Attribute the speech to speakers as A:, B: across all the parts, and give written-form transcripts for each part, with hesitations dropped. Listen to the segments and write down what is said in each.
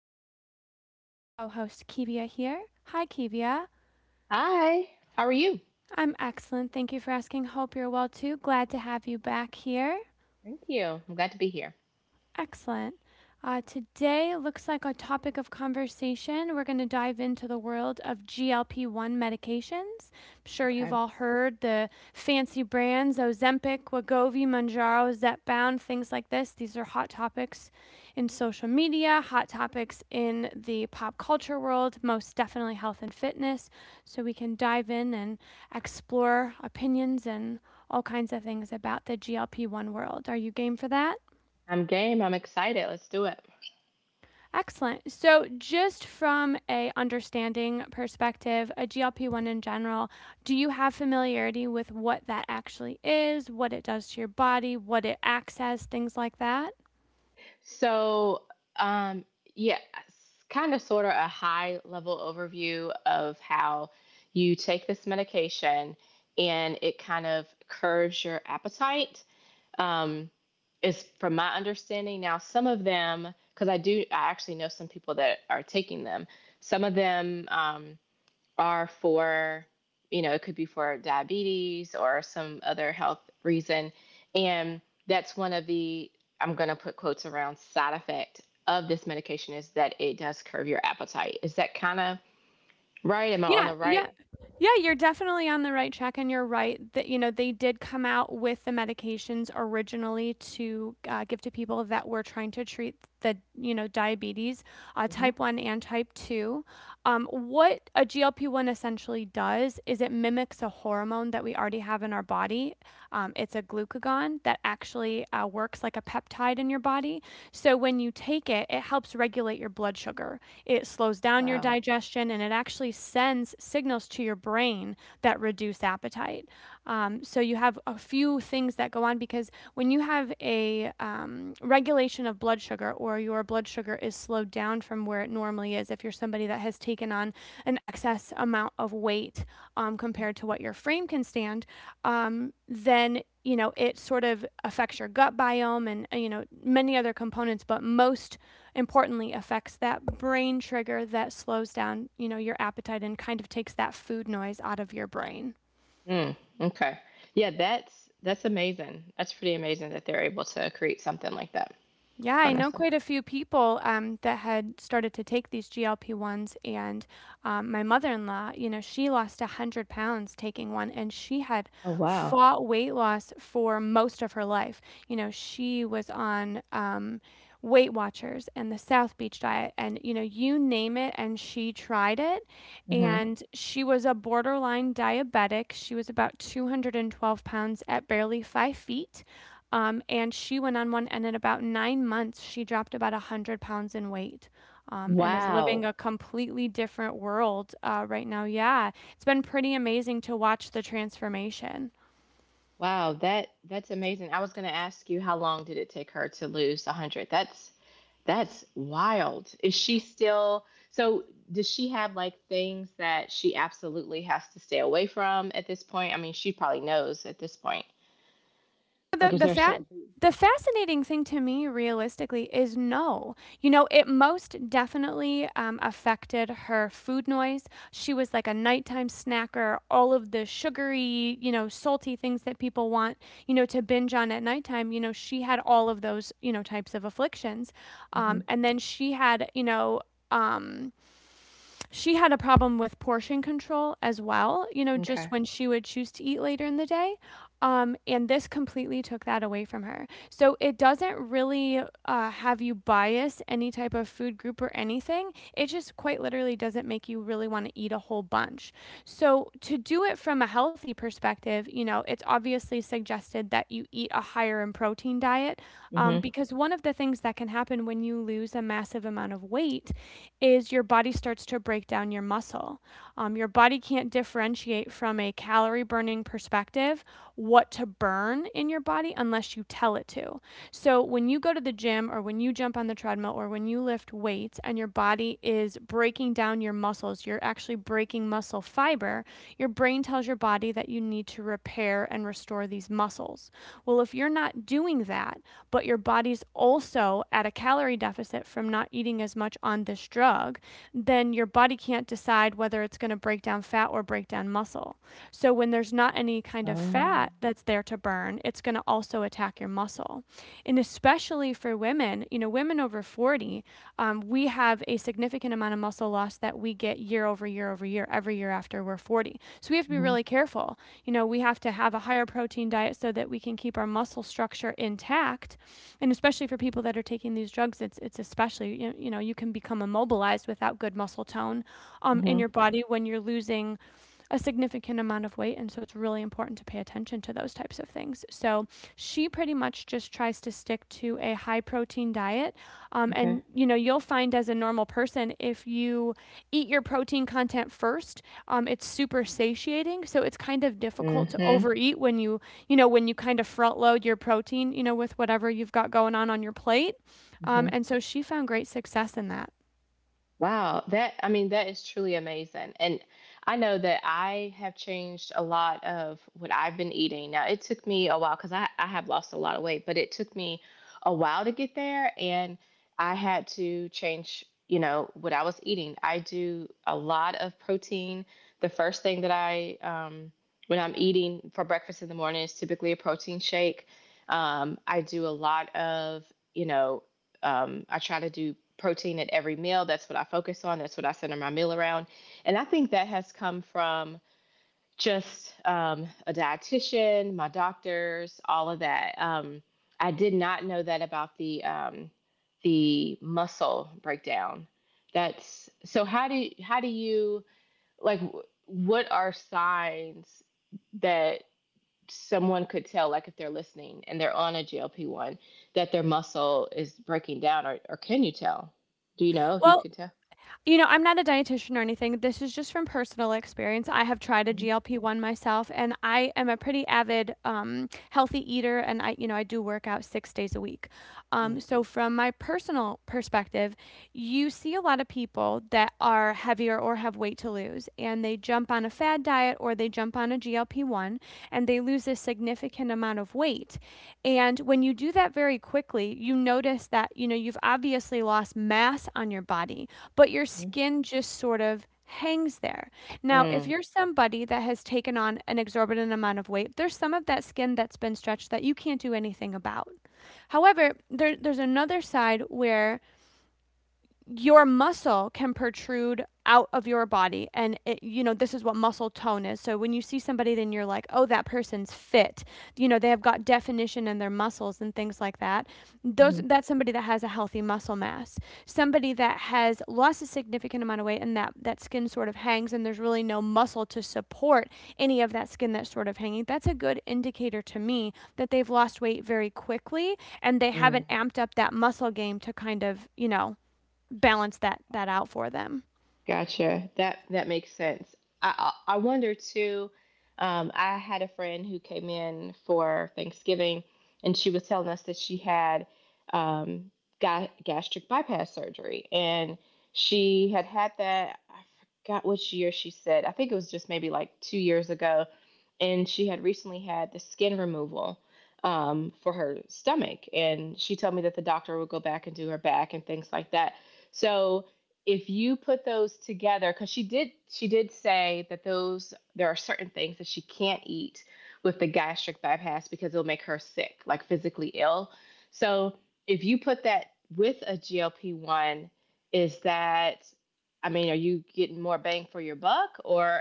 A: Today I have my co host Kivia here. Hi, Kivia.
B: Hi, how are you?
A: I'm excellent. Thank you for asking. Hope you're well too. Glad to have you back here.
B: Thank you. I'm glad to be here.
A: Excellent. Today looks like a topic of conversation. We're going to dive into the world of GLP 1 medications. I'm sure you've
B: Okay.
A: all heard the fancy brands Ozempic, Wegovy, Manjaro, Zepbound, things like this. These are hot topics in social media, hot topics in the pop culture world, most definitely health and fitness. So we can dive in and explore opinions and all kinds of things about the GLP 1 world. Are you game for that?
B: I'm game. I'm excited. Let's do it.
A: Excellent. So, just from a understanding perspective, a GLP-1 in general, do you have familiarity with what that actually is, what it does to your body, what it acts as, things like that?
B: So, um, yeah, kind of sort of a high level overview of how you take this medication and it kind of curves your appetite. Um, is from my understanding. Now, some of them, because I actually know some people that are taking them. Some of them, are for, you know, it could be for diabetes or some other health reason. And that's one of the, I'm going to put quotes around side effect of this medication is that it does curb your appetite. Is that kind of right? Am I on
A: Yeah,
B: the right?
A: yeah. Yeah, you're definitely on the right track, and you're right that, you know, they did come out with the medications originally to, give to people that were trying to treat the, you know, diabetes,
B: Hmm.
A: type 1 and type 2. What a GLP-1 essentially does is it mimics a hormone that we already have in our body. It's a glucagon that actually, works like a peptide in your body. So when you take it, it helps regulate your blood sugar. It slows down your
B: Wow.
A: digestion and it actually sends signals to your brain that reduce appetite. So you have a few things that go on, because when you have a regulation of blood sugar, or your blood sugar is slowed down from where it normally is, if you're somebody that has taken on an excess amount of weight compared to what your frame can stand, then, you know, it sort of affects your gut biome and you know, many other components, but most importantly affects that brain trigger that slows down, you know, your appetite and kind of takes that food noise out of your brain.
B: Mm, okay. Yeah, that's amazing. That's pretty amazing that they're able to create something like that.
A: Yeah, I know
B: Honestly.
A: quite a few people that had started to take these GLP-1s, and my mother-in-law, you know, she lost 100 pounds taking one, and she had
B: Oh wow.
A: fought weight loss for most of her life. You know, she was on Weight Watchers and the South Beach diet, and, you know, you name it, and she tried it,
B: Hmm.
A: and she was a borderline diabetic. She was about 212 pounds at barely 5 feet, and she went on one, and in about 9 months, she dropped about 100 pounds in weight, and is living
B: Wow.
A: a completely different world right now. Yeah, it's been pretty amazing to watch the transformation.
B: Wow, that's amazing. I was going to ask you how long did it take her to lose 100? That's wild. Is she still so does she have like things that she absolutely has to stay away from at this point? I mean, she probably knows at this point. Like,
A: The
B: is
A: the
B: there a
A: fat
B: certain food?
A: the fascinating thing to me realistically is no. You know, it most definitely, affected her food noise. She was like a nighttime snacker, all of the sugary, you know, salty things that people want, you know, to binge on at nighttime. You know, she had all of those, you know, types of afflictions.
B: Mm-hmm.
A: And then um she had a problem with portion control as well, you know,
B: Okay.
A: just when she would choose to eat later in the day. And this completely took that away from her. So it doesn't really have you bias any type of food group or anything. It just quite literally doesn't make you really want to eat a whole bunch. So to do it from a healthy perspective, you know, it's obviously suggested that you eat a higher in protein diet,
B: Mm-hmm.
A: because one of the things that can happen when you lose a massive amount of weight is your body starts to break down your muscle. Your body can't differentiate from a calorie burning perspective what to burn in your body unless you tell it to. So when you go to the gym, or when you jump on the treadmill, or when you lift weights and your body is breaking down your muscles, you're actually breaking muscle fiber. Your brain tells your body that you need to repair and restore these muscles. Well, if you're not doing that, but your body's also at a calorie deficit from not eating as much on this drug, then your body can't decide whether it's going to break down fat or break down muscle. So when there's not any kind of
B: Oh.
A: fat that's there to burn, it's going to also attack your muscle. And especially for women, you know, women over 40, we have a significant amount of muscle loss that we get year over year over year, every year after we're 40. So we have to be
B: Mm-hmm.
A: really careful. You know, we have to have a higher protein diet so that we can keep our muscle structure intact. And especially for people that are taking these drugs, it's especially, you know, you can become immobilized without good muscle tone in
B: Mm-hmm.
A: your body when you're losing a significant amount of weight, and so it's really important to pay attention to those types of things. So she pretty much just tries to stick to a high protein diet,
B: Okay.
A: and, you know, you'll find as a normal person, if you eat your protein content first, it's super satiating, so it's kind of difficult to
B: Mm-hmm.
A: overeat when you kind of front load your protein, you know, with whatever you've got going on your plate, and so she found great success in that.
B: Wow, that I mean that is truly amazing. And I know that I have changed a lot of what I've been eating. Now it took me a while because I have lost a lot of weight, but it took me a while to get there and I had to change, you know, what I was eating. I do a lot of protein. The first thing that I when I'm eating for breakfast in the morning is typically a protein shake. I do a lot of, you know, I try to do protein at every meal. That's what I focus on. That's what I center my meal around. And I think that has come from just a dietitian, my doctors, all of that. I did not know that about the muscle breakdown. That's so. How do you like? What are signs that someone could tell, like if they're listening and they're on a GLP one, that their muscle is breaking down, or can you tell? Do you know if you
A: Well,
B: could tell?
A: you know, I'm not a dietitian or anything. This is just from personal experience. I have tried a
B: Mm-hmm.
A: GLP-1 myself, and I am a pretty avid, healthy eater, and I do work out 6 days a week. So, from my personal perspective, you see a lot of people that are heavier or have weight to lose, and they jump on a fad diet or they jump on a GLP 1 and they lose a significant amount of weight. And when you do that very quickly, you notice that, you know, you've obviously lost mass on your body, but your
B: Mm-hmm.
A: skin just sort of hangs there. Now, if
B: Mm-hmm.
A: you're somebody that has taken on an exorbitant amount of weight, there's some of that skin that's been stretched that you can't do anything about. However, there's another side where your muscle can protrude out of your body, and, it, you know, this is what muscle tone is. So when you see somebody, then you're like, oh, that person's fit, you know, they have got definition in their muscles and things like that. Those that's somebody that has a healthy muscle mass. Somebody that has lost a significant amount of weight, and that skin sort of hangs and there's really no muscle to support any of that skin that's sort of hanging, that's a good indicator to me that they've lost weight very quickly and they haven't
B: Mm-hmm.
A: amped up that muscle game to kind of, balance that out for them.
B: Gotcha. That makes sense. I wonder too. I had a friend who came in for Thanksgiving, and she was telling us that she had um, gastric bypass surgery, and she had had that. I forgot which year she said. I think it was just maybe like 2 years ago, and she had recently had the skin removal for her stomach, and she told me that the doctor would go back and do her back and things like that. So if you put those together because she did say that those there are certain things that she can't eat with the gastric bypass because it'll make her sick, like physically ill, so if you put that with a GLP-1, is that, I mean, are you getting more bang for your buck, or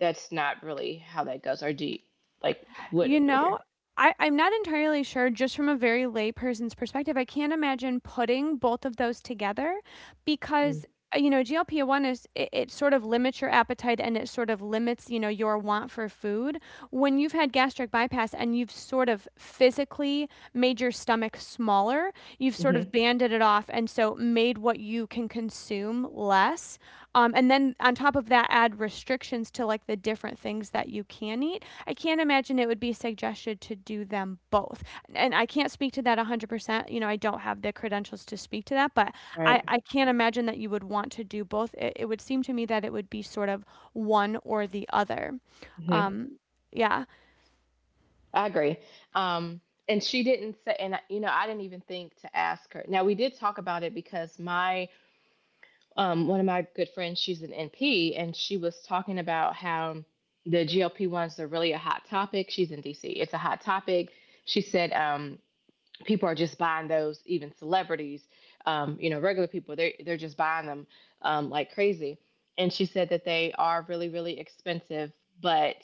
B: that's not really how that goes, or do you, like,
A: You
B: what order?
A: know, I'm not entirely sure, just from a very lay person's perspective, I can't imagine putting both of those together, because, you know, GLP-1 it sort of limits your appetite, and it sort of limits, you know, your want for food. When you've had gastric bypass and you've sort of physically made your stomach smaller, you've sort
B: Mm-hmm.
A: of banded it off, and so made what you can consume less. And then on top of that, add restrictions to like the different things that you can eat. I can't imagine it would be suggested to do them both. And I can't speak to that 100%. You know, I don't have the credentials to speak to that, but
B: Right.
A: I can't imagine that you would want to do both. It would seem to me that it would be sort of one or the other.
B: Hmm.
A: Um, yeah.
B: I agree. Um, and she didn't say, and you know, I didn't even think to ask her. Now we did talk about it because my one of my good friends, she's an NP, and she was talking about how the GLP ones are really a hot topic. She's in DC. It's a hot topic. She said, people are just buying those, even celebrities, you know, regular people, they're just buying them, like crazy. And she said that they are really really expensive, but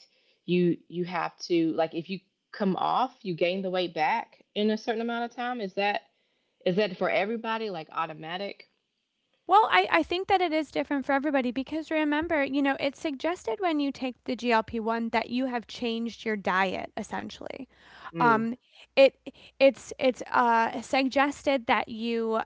B: you have to like, if you come off, you gain the weight back in a certain amount of time. Is that, is that for everybody, like automatic?
A: Well, I think that it is different for everybody, because remember, you know, it's suggested when you take the GLP 1 that you have changed your diet essentially.
B: Mm.
A: Um, it it's suggested that you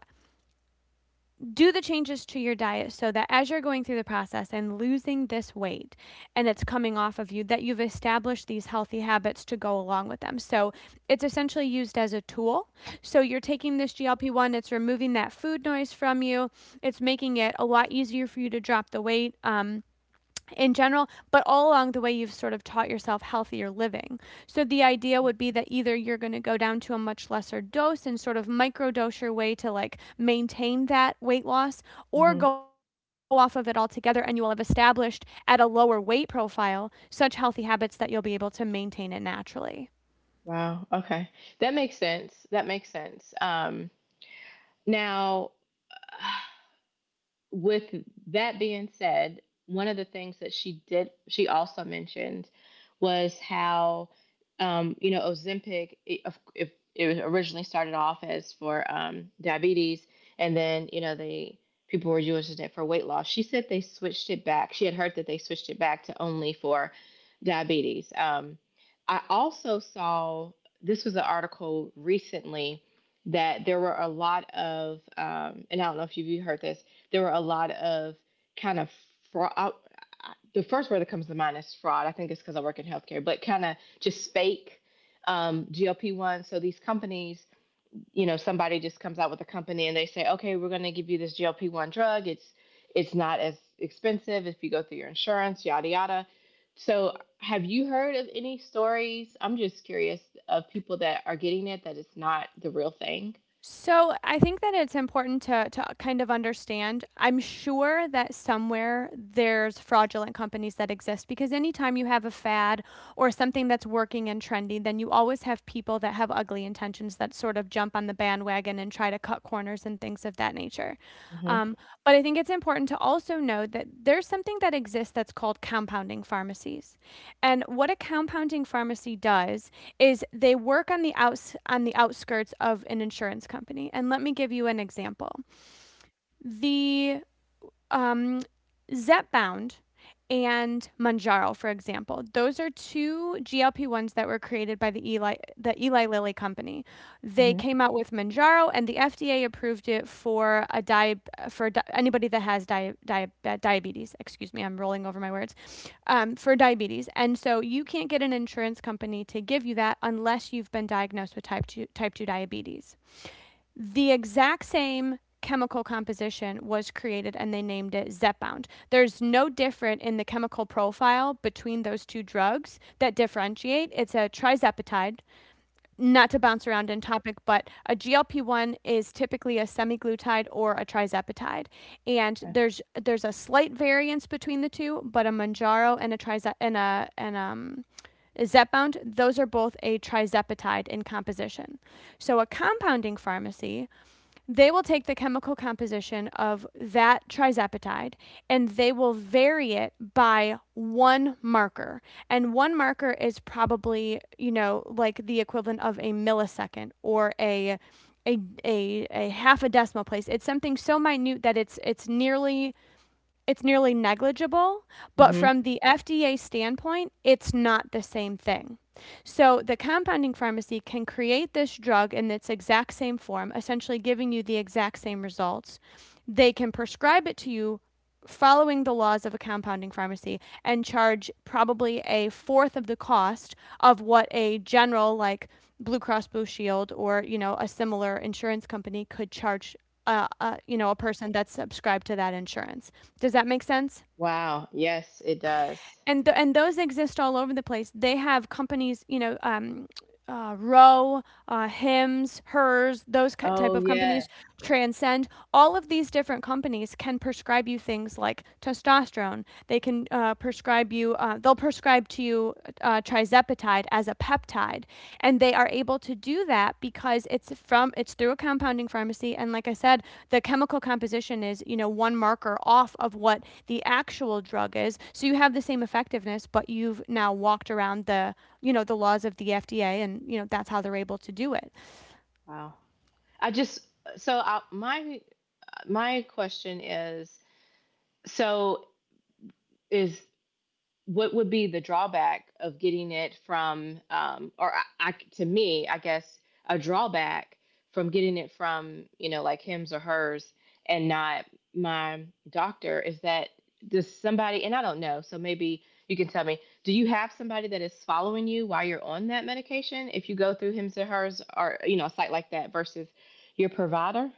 A: do the changes to your diet so that as you're going through the process and losing this weight and it's coming off of you, that you've established these healthy habits to go along with them. So it's essentially used as a tool. So you're taking this GLP-1, it's removing that food noise from you, it's making it a lot easier for you to drop the weight, in general, but all along the way, you've sort of taught yourself healthier living. So the idea would be that either you're going to go down to a much lesser dose and sort of microdose your way to like maintain that weight loss, or
B: Hmm.
A: go off of it altogether and you will have established at a lower weight profile such healthy habits that you'll be able to maintain it naturally.
B: Wow, okay. That makes sense, that makes sense. Now with that being said, one of the things that she did, she also mentioned was how, you know, Ozempic, it, if it originally started off as for diabetes, and then, you know, they people were using it for weight loss. She said they switched it back. She had heard that they switched it back to only for diabetes. I also saw this was an article recently that there were a lot of, and I don't know if you've heard this, there were a lot of kind of fraud. The first word that comes to mind is fraud. I think it's because I work in healthcare, but kind of just fake GLP one. So these companies, you know, somebody just comes out with a company and they say, okay, we're going to give you this GLP one drug. It's not as expensive if you go through your insurance, yada yada. So have you heard of any stories? I'm just curious of people that are getting it that it's not the real thing.
A: So I think that it's important to kind of understand. I'm sure that somewhere there's fraudulent companies that exist because anytime you have a fad or something that's working and trendy, then you always have people that have ugly intentions that sort of jump on the bandwagon and try to cut corners and things of that nature.
B: Mm-hmm.
A: Um, but I think it's important to also know that there's something that exists that's called compounding pharmacies. And what a compounding pharmacy does is they work on the outs on the outskirts of an insurance company. And let me give you an example. The um, Zepbound and Manjaro, for example. Those are two GLP-1s that were created by the Eli Lilly company. They
B: Mm-hmm.
A: came out with Manjaro, and the FDA approved it for anybody that has diabetes. Excuse me, I'm rolling over my words. For diabetes, and so you can't get an insurance company to give you that unless you've been diagnosed with type two diabetes. The exact same chemical composition was created and they named it Zepbound. There's no different in the chemical profile between those two drugs that differentiate. It's a trizepatide, not to bounce around in topic, but a GLP-1 is typically a semiglutide or a trizepatide. And
B: Okay.
A: there's a slight variance between the two, but a Manjaro and a trize- and a and Zepbound, those are both a trizepatide in composition. So a compounding pharmacy, they will take the chemical composition of that trizepatide and they will vary it by one marker. And one marker is probably, you know, like the equivalent of a millisecond or a, a half a decimal place. It's something so minute that it's nearly negligible, but
B: Mm-hmm.
A: from the FDA standpoint, it's not the same thing. So the compounding pharmacy can create this drug in its exact same form, essentially giving you the exact same results. They can prescribe it to you following the laws of a compounding pharmacy and charge probably a fourth of the cost of what a general like Blue Cross Blue Shield or, you know, a similar insurance company could charge you know, a person that's subscribed to that insurance. Does that make sense?
B: Wow. Yes, it does.
A: And and those exist all over the place. They have companies, you know, Row, Hims, Hers, those type
B: Oh,
A: of companies,
B: yes.
A: Transcend. All of these different companies can prescribe you things like testosterone. They can prescribe you. They'll prescribe to you trizepatide as a peptide, and they are able to do that because it's through a compounding pharmacy, and like I said, the chemical composition is, you know, one marker off of what the actual drug is, so you have the same effectiveness, but you've now walked around the, you know, the laws of the FDA, and you know that's how they're able to do it.
B: Wow. I just so my my question is so is what would be the drawback of getting it from or I to me I guess a drawback from getting it from, you know, like hims or hers, and not my doctor, is that does somebody, and I don't know, so maybe you can tell me, do you have somebody that is following you while you're on that medication if you go through hims or hers or you know a site like that, versus your provider?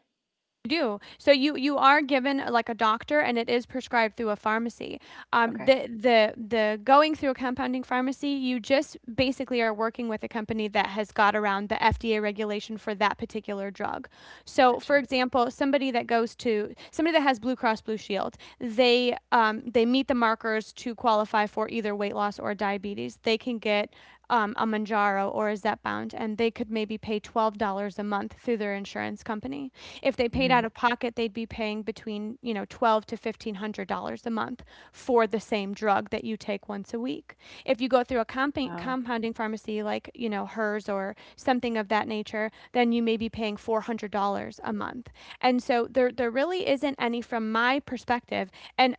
A: Do. So you are given like a doctor and it is prescribed through a pharmacy. Um,
B: Okay.
A: the the the going through a compounding pharmacy, you just basically are working with a company that has got around the FDA regulation for that particular drug. So, for
B: Gotcha.
A: example, somebody that goes to somebody that has Blue Cross Blue Shield, they meet the markers to qualify for either weight loss or diabetes. They can get a Manjaro or a Zepbound, and they could maybe pay $12 a month through their insurance company. If they paid
B: Mm-hmm.
A: out of pocket, they'd be paying between, you know, twelve to fifteen hundred dollars a month for the same drug that you take once a week. If you go through a
B: Wow,
A: compounding pharmacy like, you know, hers or something of that nature, then you may be paying $400 a month. And so there really isn't any from my perspective. And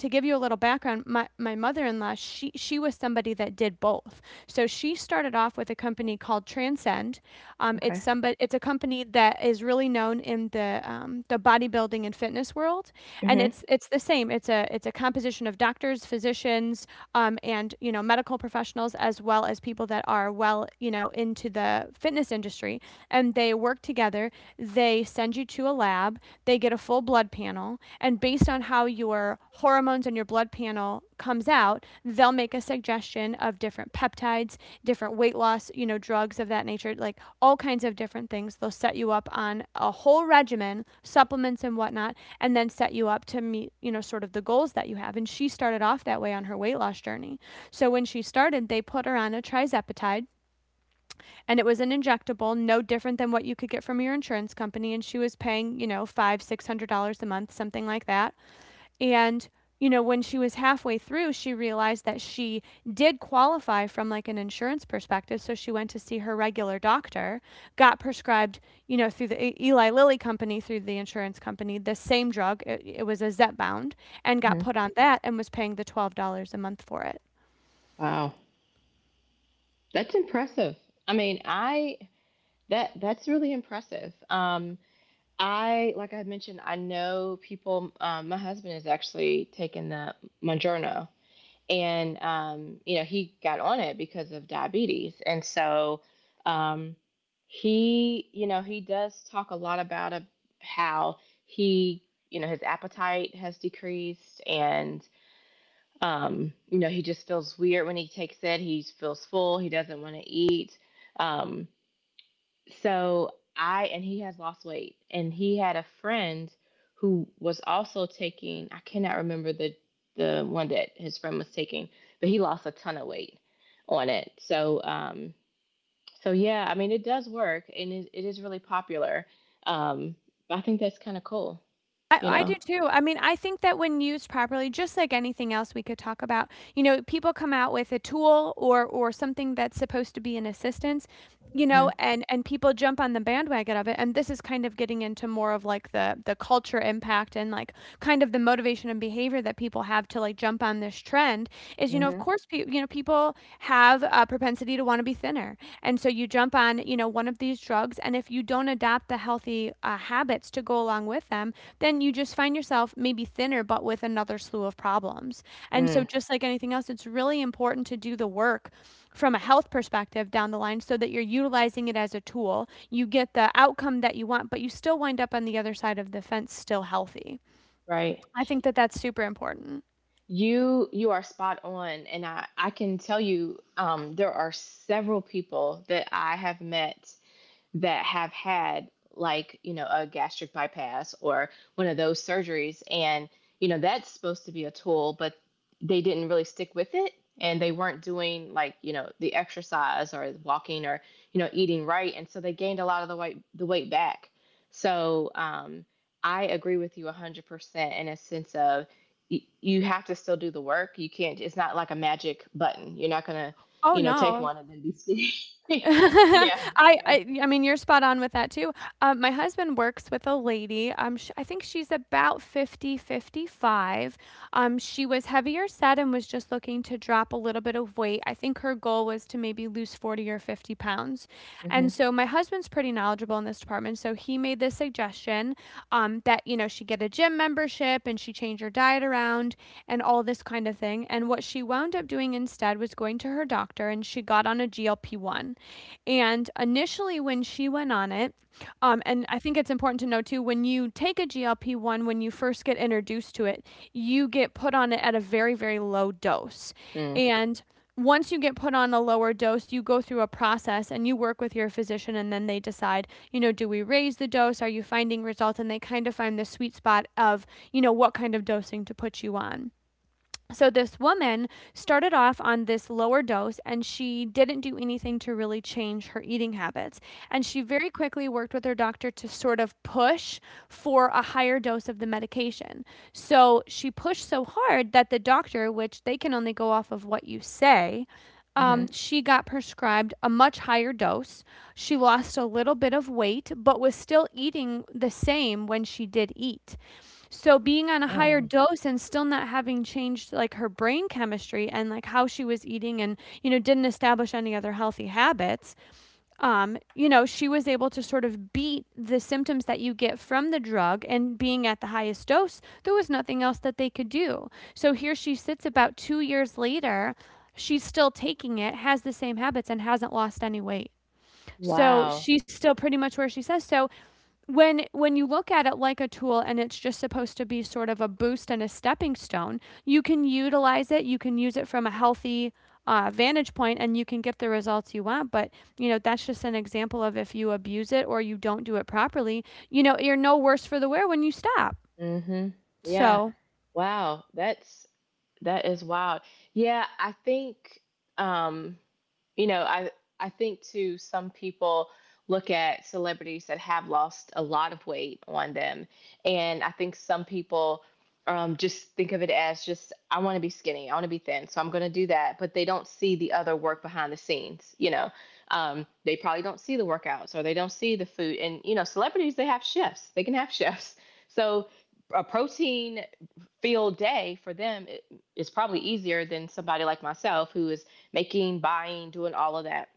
A: to give you a little background, my mother-in-law, she was somebody that did both. So she started off with a company called Transcend. It's
B: okay.
A: somebody, it's a company that is really known in the bodybuilding and fitness world.
B: Mm-hmm,
A: And
B: mm-hmm.
A: it's the same. It's it's a composition of doctors, physicians, and, you know, medical professionals, as well as people that are well, you know, into the fitness industry. And they work together. They send you to a lab, they get a full blood panel, and based on how your hormones and your blood panel comes out, they'll make a suggestion of different peptides, different weight loss, you know, drugs of that nature, like all kinds of different things. They'll set you up on a whole regimen, supplements and whatnot, and then set you up to meet, you know, sort of the goals that you have. And she started off that way on her weight loss journey. So when she started, they put her on a trizepatide and it was an injectable, no different than what you could get from your insurance company. And she was paying, you know, five, $600 a month, something like that. And you know, when she was halfway through, she realized that she did qualify from like an insurance perspective. So she went to see her regular doctor, got prescribed, you know, through the Eli Lilly company, through the insurance company, the same drug. It was a Zepbound, and got put on that and was paying the $12 a month for it.
B: Wow. That's impressive. I mean, I that that's really impressive. I like I mentioned, I know people. My husband has actually taken the Monjourno, and you know he got on it because of diabetes, and so um, he, you know, he does talk a lot about a, how he, you know, his appetite has decreased, and you know, he just feels weird when he takes it. He feels full. He doesn't want to eat. Um, so I, and he has lost weight. And he had a friend who was also taking, I cannot remember the one that his friend was taking, but he lost a ton of weight on it. So, so yeah, I mean, it does work and it is really popular. Um, I think that's kind of cool, you
A: I do
B: know?
A: too. I mean, I think that when used properly, just like anything else we could talk about, you know, people come out with a tool or something that's supposed to be an assistance, you
B: Mm-hmm.
A: know, and people jump on the bandwagon of it. And this is kind of getting into more of like the culture impact and like kind of the motivation and behavior that people have to like jump on this trend is, you know, of
B: Mm-hmm.
A: course, you know, people have a propensity you to want to be thinner. And so you jump on, you know, one of these drugs and if you don't adopt the healthy habits to go along with them, then you just find yourself maybe thinner but with another slew of problems. And so
B: Mm,
A: just like anything else, it's really important to do the work from a health perspective down the line so that you're utilizing it as a tool. You get the outcome that you want, but you still wind up on the other side of the fence still healthy.
B: right.
A: I think that that's super important.
B: You are spot on, and I can tell you there are several people that I have met that have had like you know a gastric bypass or one of those surgeries, and you know that's supposed to be a tool, but they didn't really stick with it, and they weren't doing like you know the exercise or walking or you know eating right, and so they gained a lot of the weight back. So I agree with you 100% in a sense of you have to still do the work, you can't, it's not like a magic button, you're not gonna,
A: Oh,
B: you know, take
A: no.
B: one and then be skinny yeah.
A: I
B: Yeah.
A: I I mean, you're spot on with that too. My husband works with a lady. Sh I think she's about 50, 55. She was heavier set and was just looking to drop a little bit of weight. I think her goal was to maybe lose 40 or 50 pounds.
B: Hmm.
A: And so my husband's pretty knowledgeable in this department. So he made this suggestion that, you know, she get a gym membership and she change her diet around and all this kind of thing. And what she wound up doing instead said was going to her doctor and she got on a GLP-1. And initially when she went on it, and I think it's important to know too, when you take a GLP-1, when you first get introduced to it, you get put on it at a very, very low dose.
B: Mm,
A: And once you get put on a lower dose, you go through a process and you work with your physician, and then they decide, you know, do we raise the dose? Are you finding results? And they kind of find the sweet spot of, you know, what kind of dosing to put you on. So this woman started off on this lower dose and she didn't do anything to really change her eating habits. And she very quickly worked with her doctor to sort of push for a higher dose of the medication. So she pushed so hard that the doctor, which they can only go off of what you say,
B: mhm.
A: she got prescribed a much higher dose. She lost a little bit of weight, but was still eating the same when she did eat. So being on a higher
B: Oh,
A: dose and still not having changed, like, her brain chemistry and, like, how she was eating and, you know, didn't establish any other healthy habits, you know, she was able to sort of beat the symptoms that you get from the drug, and being at the highest dose, there was nothing else that they could do. So here she sits about 2 years later, she's still taking it, has the same habits, and hasn't lost any weight. So
B: wow.
A: she's still pretty much where she says so, when you look at it like a tool and it's just supposed to be sort of a boost and a stepping stone. You can utilize it, you can use it from a healthy vantage point, and you can get the results you want. But you know, that's just an example of if you abuse it or you don't do it properly. You know, you're no worse for the wear when you stop,
B: Mhm. Yeah.
A: so.
B: Wow. That's that is wild. Yeah, I think um you know, I think too some people look at celebrities that have lost a lot of weight on them, and I think some people just think of it as just I want to be skinny, I want to be thin, so I'm going to do that. But they don't see the other work behind the scenes. You know, they probably don't see the workouts or they don't see the food. And you know, celebrities they have chefs, they can have chefs, so a protein field day for them it, it's probably easier than somebody like myself who is making buying doing all of that,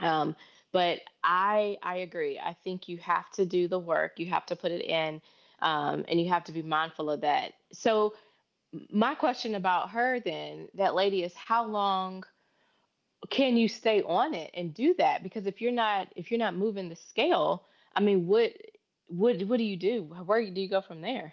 B: um, but I agree, I think you have to do the work, you have to put it in, and you have to be mindful of that. So my question about her then, that lady, is how long can you stay on it and do that, because if you're not, if you're not moving the scale, I mean what do you do, where do you go from there?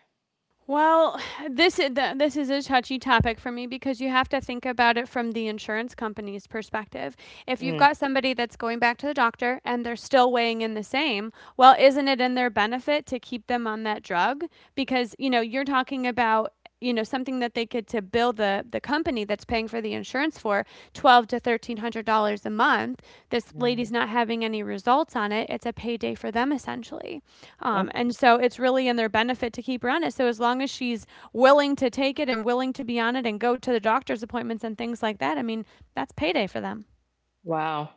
A: Well, this is a touchy topic for me because you have to think about it from the insurance company's perspective. If you've
B: Mm.
A: got somebody that's going back to the doctor and they're still weighing in the same, well, isn't it in their benefit to keep them on that drug? Because you know, you're talking about, you know, something that they could to bill the company that's paying for the insurance for twelve to thirteen hundred dollars a month. This lady's
B: Mm.
A: not having any results on it. It's a payday for them essentially,
B: Yep.
A: and so it's really in their benefit to keep her on it. So as long as she's willing to take it and willing to be on it and go to the doctor's appointments and things like that. I mean, that's payday for them.
B: Wow.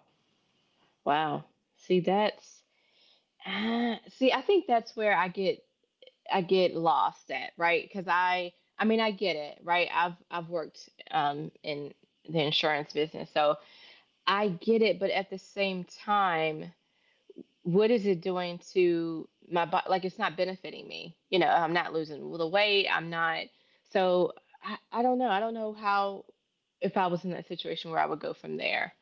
B: Wow. See, that's see, I think that's where I get lost at, right? Because I mean I get it, right? I've worked in the insurance business, so I get it. But at the same time, what is it doing to my body? Like it's not benefiting me. You know, I'm not losing the weight. I'm not. So I don't know. I don't know how if I was in that situation where I would go from there,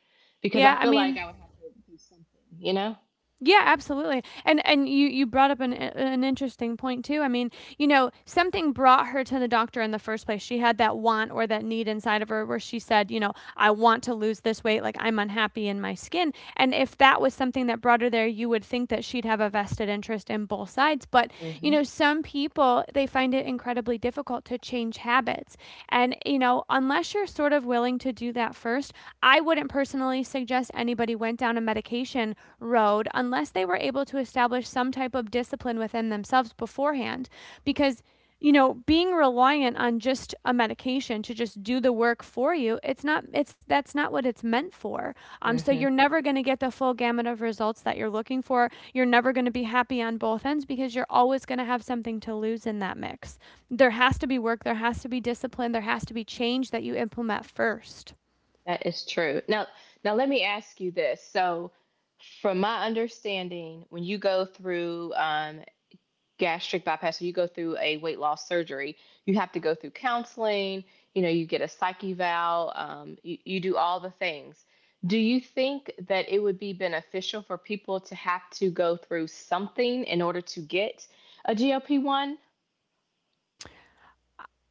B: because I
A: Yeah, I
B: feel like
A: mean,
B: I would have to do something. You know.
A: yeah, absolutely. And you brought up an interesting point too. I mean, you know, something brought her to the doctor in the first place. She had that want or that need inside of her where she said, you know, I want to lose this weight, like I'm unhappy in my skin. And if that was something that brought her there, you would think that she'd have a vested interest in both sides. But, you
B: Hmm.
A: know, some people they find it incredibly difficult to change habits. And you know, unless you're sort of willing to do that first, I wouldn't personally suggest anybody went down a medication road unless they were able to establish some type of discipline within themselves beforehand, because you know being reliant on just a medication to just do the work for you, it's not, it's that's not what it's meant for. So
B: Mhm.
A: you're never going to get the full gamut of results that you're looking for. You're never going to be happy on both ends because you're always going to have something to lose in that mix. There has to be work, there has to be discipline, there has to be change that you implement first.
B: That is true. Now, now let me ask you this. So, from my understanding, when you go through gastric bypass, so you go through a weight loss surgery, you have to go through counseling. You know, you get a psych eval. You, you do all the things. Do you think that it would be beneficial for people to have to go through something in order to get a GLP one?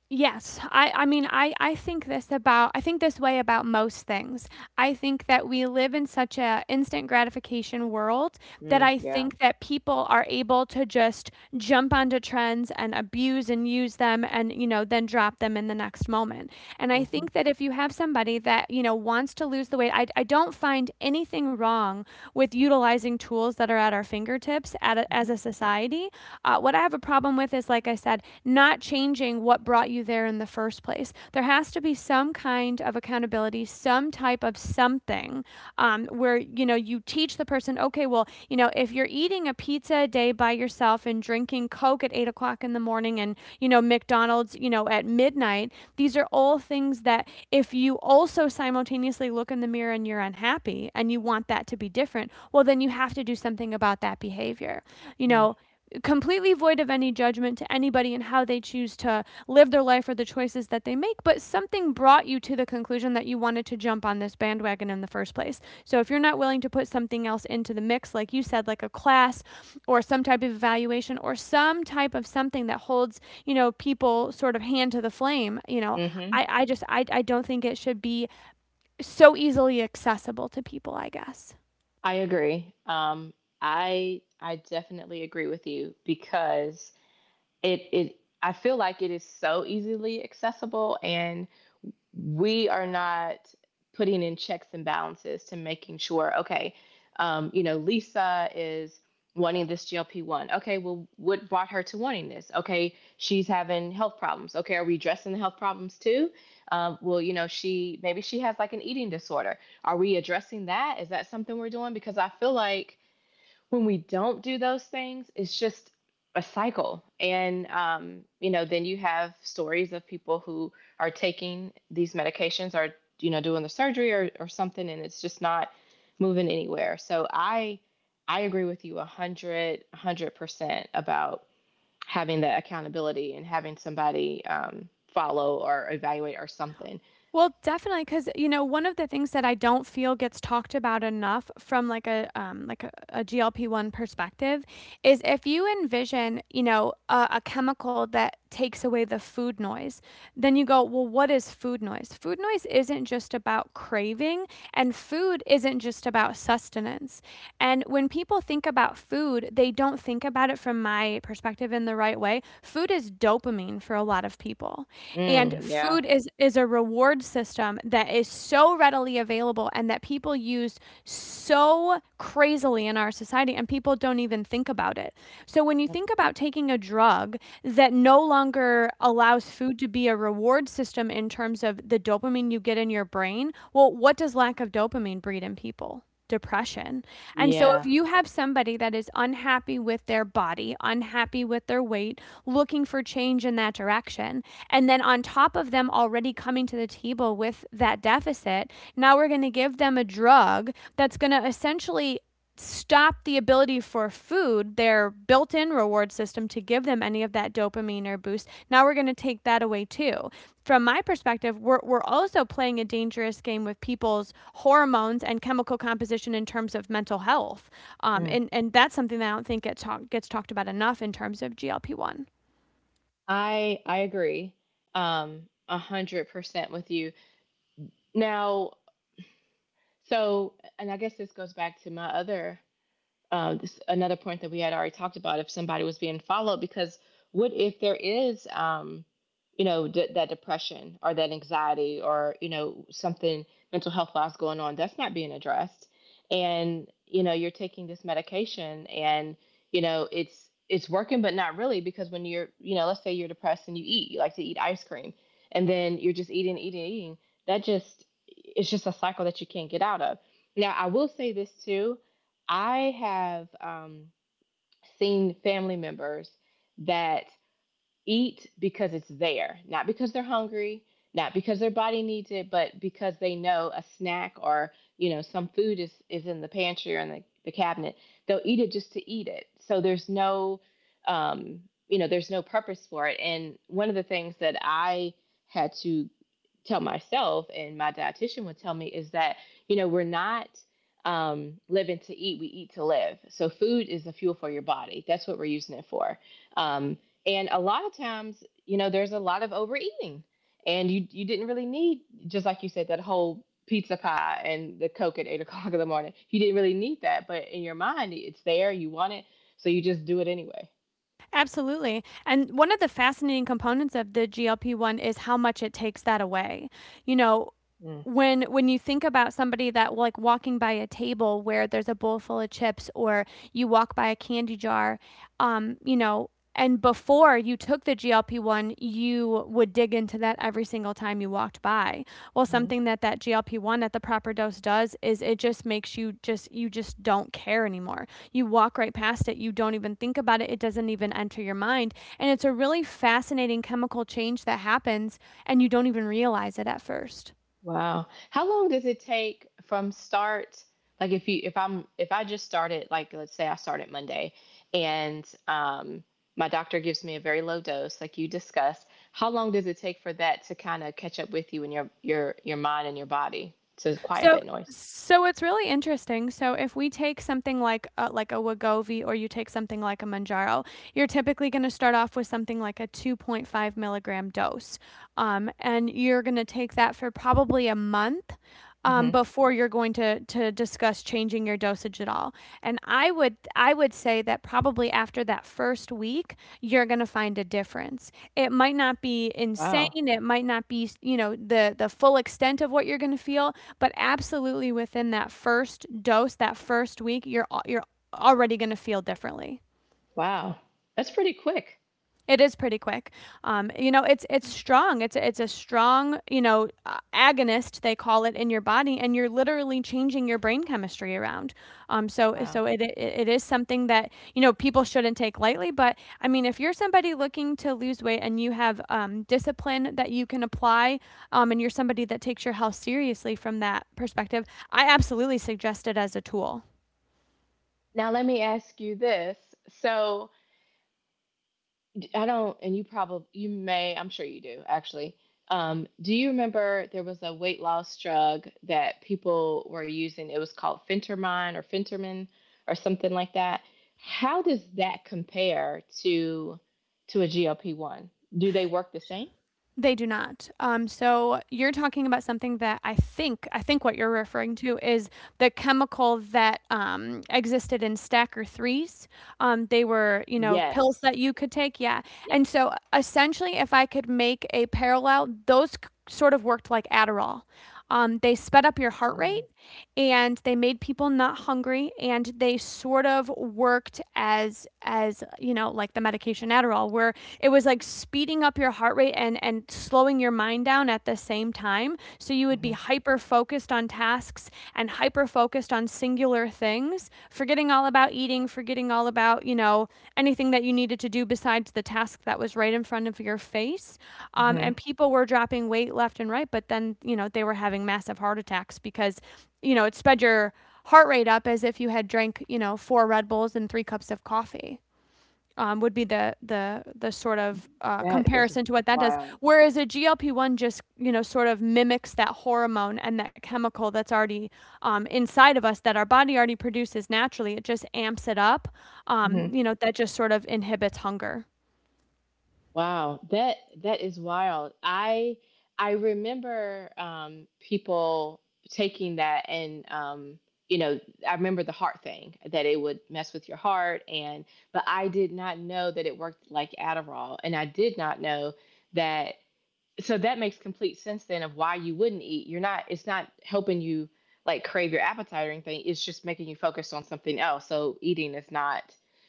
A: Yes, I mean, I I think this way about most things. I think that we live in such a instant gratification world that
B: Mm,
A: I
B: yeah.
A: think that people are able to just jump onto trends and abuse and use them and you know then drop them in the next moment. And I
B: Hmm.
A: think that if you have somebody that you know wants to lose the weight, I don't find anything wrong with utilizing tools that are at our fingertips as
B: Hmm.
A: a society. What I have a problem with is, like I said, not changing what brought you there in the first place. There has to be some kind of accountability, some type of something, where, you know, you teach the person, okay, well, you know, if you're eating a pizza a day by yourself and drinking Coke at 8 o'clock in the morning and, you know, McDonald's, you know, at midnight, these are all things that if you also simultaneously look in the mirror and you're unhappy and you want that to be different, well, then you have to do something about that behavior. You know, completely void of any judgment to anybody and how they choose to live their life or the choices that they make, but something brought you to the conclusion that you wanted to jump on this bandwagon in the first place. So if you're not willing to put something else into the mix, like you said, like a class or some type of evaluation or some type of something that holds, you know, people sort of hand to the flame, you know,
B: Mm-hmm.
A: I just, I don't think it should be so easily accessible to people, I guess.
B: I agree. I definitely agree with you because it I feel like it is so easily accessible and we are not putting in checks and balances to making sure, okay, you know, Lisa is wanting this GLP 1. Okay, well, what brought her to wanting this? Okay, she's having health problems. Okay, are we addressing the health problems too? Well, you know, she maybe she has like an eating disorder. Are we addressing that? Is that something we're doing? Because I feel like when we don't do those things, it's just a cycle. And, you know, then you have stories of people who are taking these medications you know, doing the surgery or something, and it's just not moving anywhere. I agree with you 100% about having that accountability and having somebody follow or evaluate or something.
A: Well, definitely, because you know, one of the things that I don't feel gets talked about enough from, like, a GLP-1 perspective, is if you envision, you know, a chemical that takes away the food noise. Then you go, well, what is food noise? Food noise isn't just about craving, and food isn't just about sustenance. And when people think about food, they don't think about it from my perspective in the right way. Food is dopamine for a lot of people. And
B: Mm, yeah.
A: food is a reward system that is so readily available and that people used so crazily in our society, and people don't even think about it. So, when you
B: Yep.
A: think about taking a drug that no longer allows food to be a reward system in terms of the dopamine you get in your brain, well, what does lack of dopamine breed in people? Depression. And so, if
B: Yeah.
A: you have somebody that is unhappy with their body, unhappy with their weight, looking for change in that direction, and then on top of them already coming to the table with that deficit, now we're going to give them a drug that's going to essentially stop the ability for food, their built in reward system, to give them any of that dopamine or boost. Now we're going to take that away too. From my perspective, we're also playing a dangerous game with people's hormones and chemical composition in terms of mental health. Um,
B: Mm.
A: and, and that's something that I don't think gets talked about enough in terms of GLP-1.
B: I agree, um, 100% with you. Now, so, and I guess this goes back to my other this another point that we had already talked about, if somebody was being followed. Because what if there is, you know, that depression or that anxiety or you know something mental health wise going on that's not being addressed, and you know you're taking this medication and you know it's working but not really, because when you're, you know, let's say you're depressed and you eat, you like to eat ice cream, and then you're just eating eating. That just, it's just a cycle that you can't get out of. Now I will say this too, I have, seen family members that eat because it's there, not because they're hungry, not because their body needs it, but because they know a snack you know, some food is in the pantry or in the cabinet. They'll eat it just to eat it. So there's no, um, you know, there's no purpose for it. And one of the things that I had to tell myself, and my dietitian would tell me, is that, you know, we're not, living to eat, we eat to live. So food is the fuel for your body. That's what we're using it for. Um, and a lot of times, you know, there's a lot of overeating. And you didn't really need, just like you said, that whole pizza pie and the Coke at eight o'clock in the morning. You didn't really need that, but in your mind it's there, you want it, so you just do it anyway.
A: Absolutely. And one of the fascinating components of the GLP-1 is how much it takes that away. You know, when you think about somebody that like walking by a table where there's a bowl full of chips or you walk by a candy jar, you know, and before you took the GLP-1, you would dig into that every single time you walked by. Well,
B: Mm-hmm.
A: something that GLP-1 at the proper dose does is it just makes you just don't care anymore. You walk right past it, you don't even think about it, it doesn't even enter your mind. And it's a really fascinating chemical change that happens, and you don't even realize it at first.
B: Wow. How long does it take from start? Like if you, if I just started, like let's say I started Monday, and my doctor gives me a very low dose like you discussed, how long does it take for that to kind of catch up with you and your your mind and your body to quiet
A: So
B: that noise?
A: so it's really interesting. So if we take something like a Wegovy, or you take something like a Manjaro, you're typically going to start off with something like a 2.5 milligram dose. And you're going to take that for probably a month,
B: Mhm.
A: before you're going to discuss changing your dosage at all. And I would say that probably after that first week, you're going to find a difference. It might not be insane.
B: Wow.
A: It might not be, you know, the full extent of what you're going to feel, but absolutely within that first dose, that first week, you're already going to feel differently.
B: Wow. That's pretty quick.
A: It is pretty quick. You know, it's strong. It's a strong, you know, agonist they call it in your body, and you're literally changing your brain chemistry around. Um, so
B: Wow.
A: so it, it it is something that you know people shouldn't take lightly. But I mean, if you're somebody looking to lose weight and you have discipline that you can apply, and you're somebody that takes your health seriously from that perspective, I absolutely suggest it as a tool.
B: Now let me ask you this. So I don't, and you probably, you may, I'm sure you do actually. Do you remember there was a weight loss drug that people were using? It was called Fentermine or Fentermin or something like that. How does that compare to a GLP one? Do they work the same?
A: They do not. So you're talking about something that I think what you're referring to is the chemical that existed in Stacker threes. They were, you know, pills
B: Yes.
A: that you could take, yeah. And
B: Yep.
A: so essentially, if I could make a parallel, those sort of worked like Adderall. They sped up your heart
B: Oh,
A: rate and they made people not hungry, and they sort of worked as as like the medication Adderall, where it was like speeding up your heart rate and slowing your mind down at the same time, so you would be
B: mm-hmm.
A: hyper focused on tasks and hyper focused on singular things, forgetting all about eating, forgetting all about anything that you needed to do besides the task that was right in front of your face.
B: Mm-hmm.
A: And people were dropping weight left and right, but then you know they were having massive heart attacks because you know, it sped your heart rate up as if you had drank, you know, four Red Bulls and three cups of coffee. Would be the sort of
B: That is
A: comparison to what that does.
B: wild.
A: Whereas a GLP one just you know sort of mimics that hormone and that chemical that's already inside of us, that our body already produces naturally. It just amps it up.
B: Hmm.
A: You know, that just sort of inhibits hunger.
B: Wow, that that is wild. I remember, people taking that and, you know, I remember the heart thing, that it would mess with your heart, and but I did not know that it worked like Adderall, and I did not know that, so that makes complete sense then of why you wouldn't eat. You're not, it's not helping you like crave your appetite or anything. It's just making you focus on something else. So eating is not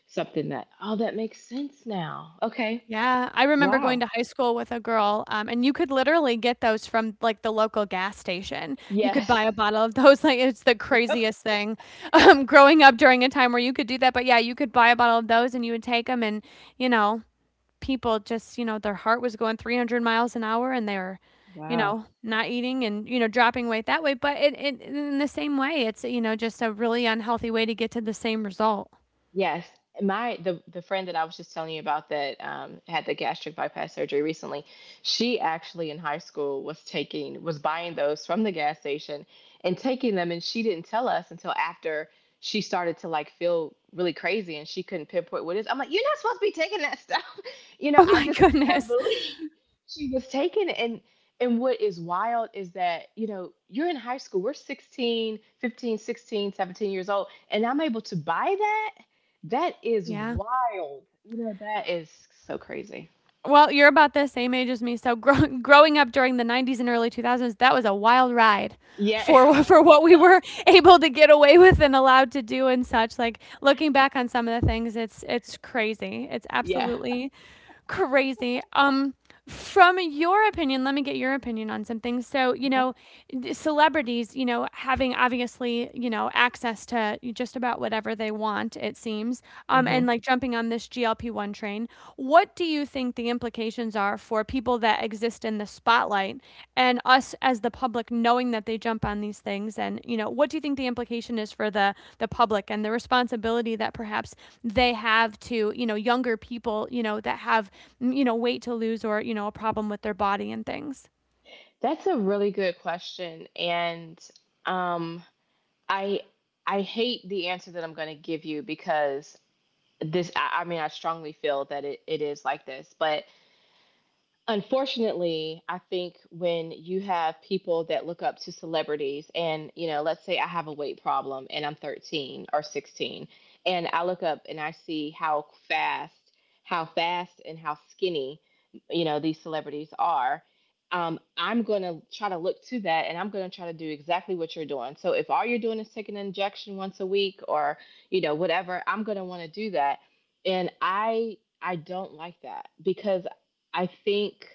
B: something that, oh, that makes sense now. Okay.
A: Yeah, I remember going
B: Wow.
A: to high school with a girl, and you could literally get those from, like, the local gas station. You could buy
B: Yes.
A: a bottle of those, like, it's the
B: Yep.
A: craziest thing, growing up during a time where you could do that. But yeah, you could buy a bottle of those and you would take them, and, you know, people just, you know, their heart was going 300 miles an hour and they were, you
B: Wow.
A: know, not eating and, you know, dropping weight that way. But it in the same way, it's, you know, just a really unhealthy way to get to the same result.
B: Yes. My the friend that I was just telling you about that, had the gastric bypass surgery recently, she actually in high school was buying those from the gas station and taking them, and she didn't tell us until after she started to like feel really crazy and she couldn't pinpoint what it is. I'm like, you're not supposed to be taking that stuff. You know,
A: Oh
B: I
A: my
B: just could not
A: goodness.
B: believe she was taking it. And what is wild is that, you know, you're in high school, we're 15, 16, 17 years old, and I'm able to buy that. That is
A: Yeah.
B: wild. You know, that is so crazy.
A: Well, you're about the same age as me, so growing up during the 90s and early 2000s, that was a wild ride
B: Yeah.
A: for for what we were able to get away with and allowed to do and such. Like looking back on some of the things, it's crazy. It's
B: Yeah.
A: absolutely crazy. From your opinion, let me get your opinion on something. So, you
B: Okay.
A: know, celebrities, you know, having obviously, you know, access to just about whatever they want, it seems, and
B: Hmm.
A: like jumping on this GLP 1 train. What do you think the implications are for people that exist? Exist in the spotlight and us as the public knowing that they jump on these things, and you know what do you think the implication is for the public and the responsibility that perhaps they have to you know younger people, you know, that have you know weight to lose or you know a problem with their body and things.
B: That's a really good question. And, um I I hate the answer that I'm gonna give you because this I mean I strongly feel that it is like this, but unfortunately, I think when you have people that look up to celebrities, and you know, let's say I have a weight problem and I'm 13 or 16, and I look up and I see how fast and how skinny, you know, these celebrities are. I'm going to try to look to that and I'm going to try to do exactly what you're doing. So if all you're doing is taking an injection once a week you know, whatever, I'm going to want to do that. And I don't like that because I think,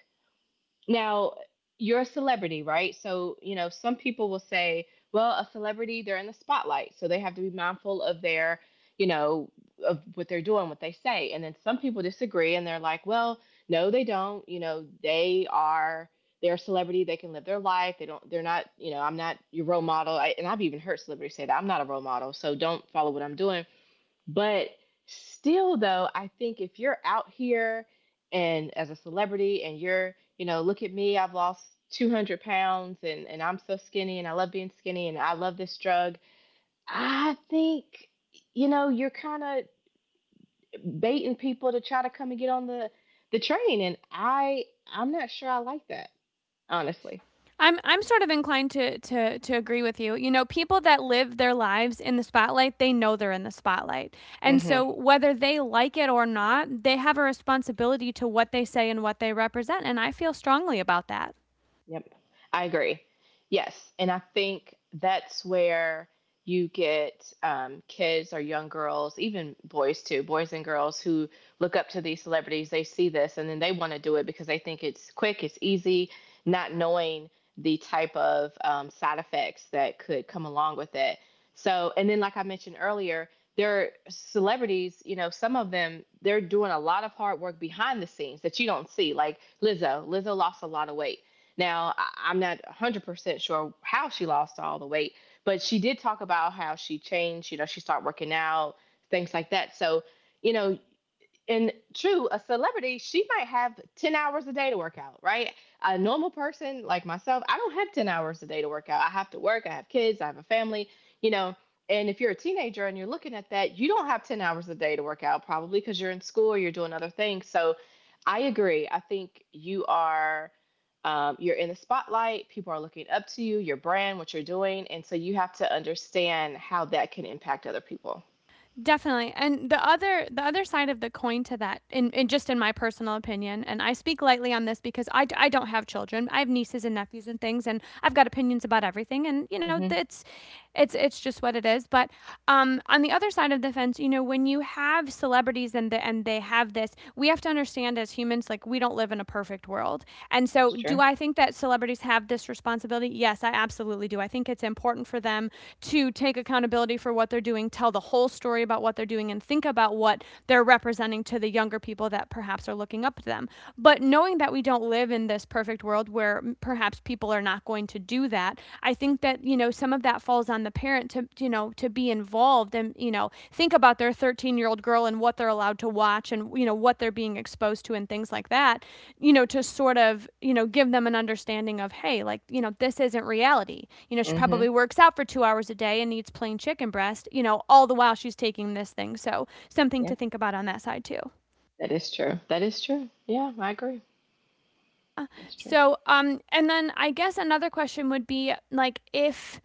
B: now, you're a celebrity, right? So, you know, some people will say, well, a celebrity, they're in the spotlight, so they have to be mindful of their, you know, of what they're doing, what they say. And then some people disagree and they're like, well, no, they don't. You know, they're a celebrity, they can live their life. They're not, you know, I'm not your role model. And I've even heard celebrities say that I'm not a role model, so don't follow what I'm doing. But still, though, I think if you're out here and as a celebrity and you're, you know, look at me, I've lost 200 pounds and I'm so skinny and I love being skinny and I love this drug. I think, you know, you're kind of baiting people to try to come and get on the train. And I'm not sure I like that, honestly.
A: I'm sort of inclined to agree with you. You know, people that live their lives in the spotlight, they know they're in the spotlight. And
B: Hmm.
A: so whether they like it or not, they have a responsibility to what they say and what they represent, and I feel strongly about that.
B: Yep. I agree. Yes. And I think that's where you get, kids or young girls, even boys too, boys and girls who look up to these celebrities. They see this and then they want to do it because they think it's quick, it's easy, not knowing the type of, side effects that could come along with it. So, and then, like I mentioned earlier, there are celebrities, you know, some of them, they're doing a lot of hard work behind the scenes that you don't see. Like Lizzo, Lizzo lost a lot of weight. Now, I'm not 100% sure how she lost all the weight, but she did talk about how she changed, you know, she started working out, things like that. So, you know, and true, a celebrity, she might have 10 hours a day to work out, right? A normal person like myself, I don't have 10 hours a day to work out. I have to work, I have kids, I have a family, you know. And if you're a teenager and you're looking at that, you don't have 10 hours a day to work out, probably because you're in school or you're doing other things. So I agree. I think you are, you're in the spotlight, people are looking up to you, your brand, what you're doing, and so you have to understand how that can impact other people.
A: Definitely. And the other side of the coin to that, in just in my personal opinion, and I speak lightly on this because I don't have children. I have nieces and nephews and things, and I've got opinions about everything. And you know,
B: Mhm.
A: it's just what it is. But on the other side of the fence, you know, when you have celebrities and the, and they have this, we have to understand as humans, like we don't live in a perfect world. And so,
B: That's
A: do
B: true.
A: I think that celebrities have this responsibility? Yes, I absolutely do. I think it's important for them to take accountability for what they're doing, tell the whole story about what they're doing, and think about what they're representing to the younger people that perhaps are looking up to them. But knowing that we don't live in this perfect world where perhaps people are not going to do that, I think that, you know, some of that falls on the parent to you know to be involved and you know think about their 13-year-old girl and what they're allowed to watch and you know what they're being exposed to and things like that, you know, to sort of you know give them an understanding of, hey, like you know this isn't reality, you know she
B: Mhm.
A: probably works out for 2 hours a day and eats plain chicken breast, you know, all the while she's taking this thing. So something to
B: Yep.
A: think about on that side too.
B: That is true. That is true. Yeah, I agree. That's true.
A: So and then I guess another question would be like, if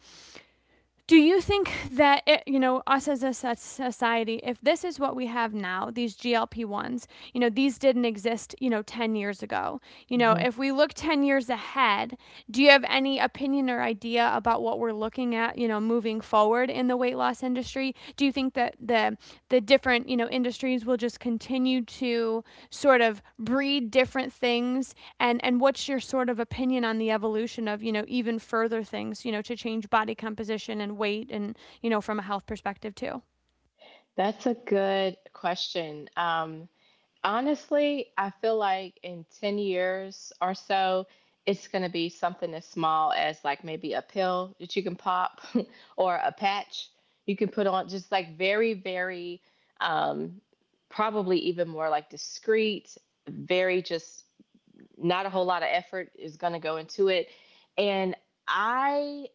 A: do you think that it, you know, us as a society, if this is what we have now, these GLP-1s, you know these didn't exist you know 10 years ago, you know
B: Hmm.
A: if we look 10 years ahead, do you have any opinion or idea about what we're looking at, you know, moving forward in the weight loss industry? Do you think that the different you know industries will just continue to sort of breed different things? And what's your sort of opinion on the evolution of you know even further things, you know, to change body composition and weight and you know from a health perspective too?
B: That's a good question. Honestly, I feel like in 10 years or so, it's going to be something as small as like maybe a pill that you can pop or a patch you can put on, just like very, very, um, probably even more like discreet, very just not a whole lot of effort is going to go into it. And I.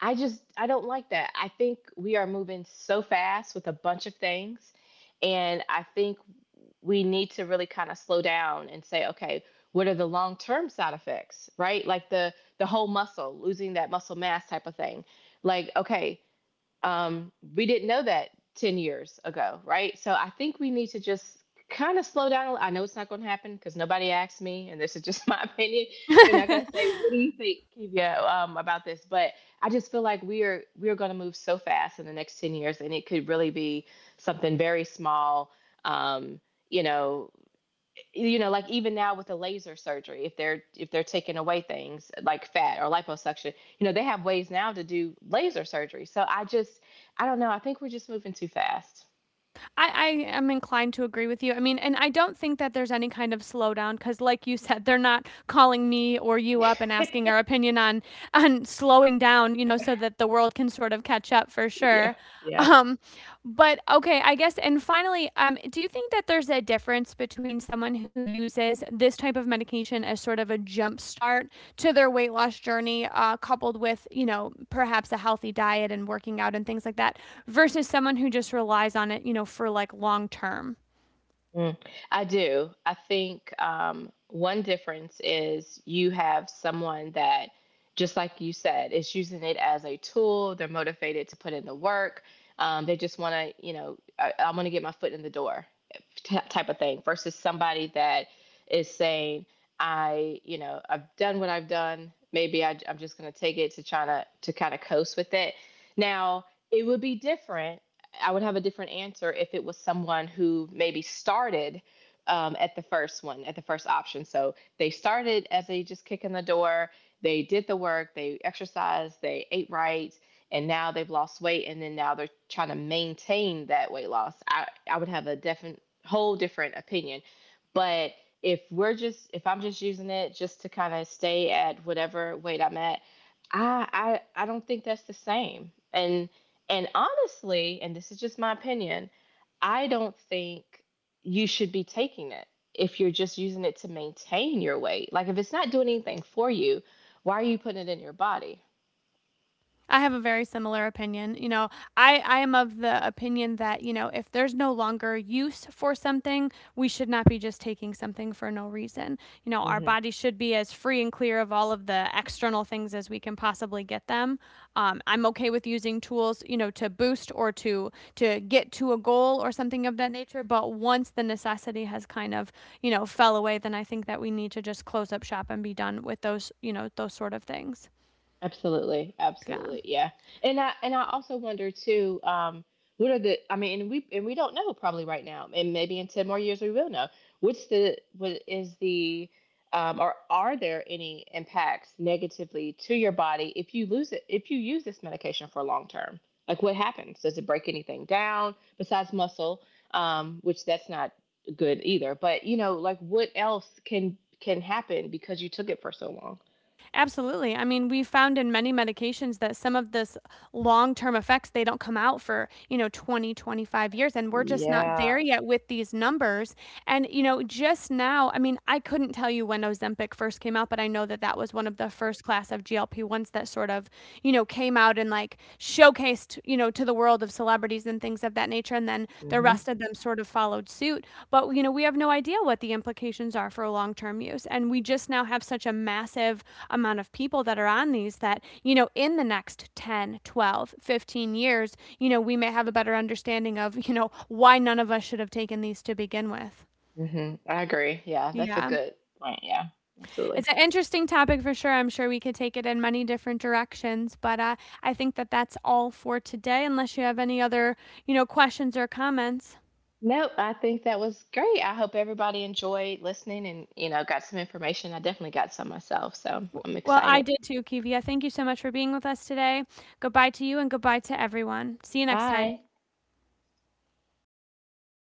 B: I just I don't like that. I think we are moving so fast with a bunch of things, and I think we need to really kind of slow down and say, okay, what are the long-term side effects, right? Like the whole muscle, losing that muscle mass type of thing. Like, okay, we didn't know that 10 years ago, right? So I think we need to just kind of slow down. I know it's not going to happen because nobody asked me, and this is just my opinion. They're not going to say, "What do you think, Kivia, about this?" But I just feel like we are going to move so fast in the next 10 years, and it could really be something very small. Um, you know, like even now with the laser surgery, if they're taking away things like fat or liposuction, you know they have ways now to do laser surgery. So I just, I don't know, I think we're just moving too fast.
A: I am inclined to agree with you. I mean, and I don't think that there's any kind of slowdown because, like you said, they're not calling me or you up and asking our opinion on slowing down, you know, so that the world can sort of catch up for
B: Yeah.
A: sure.
B: Yeah.
A: Um, but okay, I guess. And finally, finally, do you think that there's a difference between someone who uses this type of medication as sort of a jump start to their weight loss journey, coupled with, you know, perhaps a healthy diet and working out and things like that, versus someone who just relies on it, you know, for like long term?
B: Mm. I do. I think one difference is you have someone that, just like you said, is using it as a tool. They're motivated to put in the work. They just want to, you know, I want to get my foot in the door. Type of thing versus somebody that is saying, I, you know, I've done what I've done. Maybe I'm just going to take it to China to kind of coast with it. Now, it would be different. I would have a different answer if it was someone who maybe started at the first one, at the first option. So they started as they just kick in the door, they did the work, they exercised, they ate right, and now they've lost weight, and then now they're trying to maintain that weight loss. I would have a whole different opinion. But if we're just, if I'm just using it just to kind of stay at whatever weight I'm at, I I don't think that's the same. And honestly, and this is just my opinion, I don't think you should be taking it if you're just using it to maintain your weight. Like if it's not doing anything for you, why are you putting it in your body?
A: I have a very similar opinion. You know, I am of the opinion that, you know, if there's no longer use for something, we should not be just taking something for no reason. You know, our
B: Mm-hmm.
A: body should be as free and clear of all of the external things as we can possibly get them. I'm okay with using tools, you know, to boost or to get to a goal or something of that nature. But once the necessity has kind of, you know, fell away, then I think that we need to just close up shop and be done with those, you know, those sort of things.
B: Absolutely,
A: Yeah.
B: absolutely, yeah. And I also wonder too, what are the? I mean, and we don't know probably right now, and maybe in 10 more years we will know. What's the, what is the, or are there any impacts negatively to your body if you lose it, if you use this medication for long term? Like what happens? Does it break anything down besides muscle? Which that's not good either. But you know, like what else can happen because you took it for so long?
A: Absolutely. I mean, we found in many medications that some of this long-term effects, they don't come out for, you know, 20, 25 years, and we're just not there
B: Yeah.
A: yet with these numbers. And, you know, just now, I mean, I couldn't tell you when Ozempic first came out, but I know that that was one of the first class of GLP ones that sort of, you know, came out and like showcased, you know, to the world of celebrities and things of that nature. And then the
B: Hmm.
A: rest of them sort of followed suit. But, you know, we have no idea what the implications are for long term use. And we just now have such a massive amount of people that are on these that, you know, in the next 10, 12, 15 years, you know, we may have a better understanding of, you know, why none of us should have taken these to begin with.
B: Hmm. I agree. Yeah, that's a
A: Yeah.
B: good point. Yeah, absolutely.
A: It's an interesting topic for sure. I'm sure we could take it in many different directions, but, I think that that's all for today unless you have any other, you know, questions or comments.
B: Nope, I think that was great. I hope everybody enjoyed listening and, you know, got some information. I definitely got some myself, so I'm
A: Well, I
B: excited.
A: did too, Kivia. Thank you so much for being with us today. Goodbye to you and goodbye to everyone. See you next time.
B: Bye.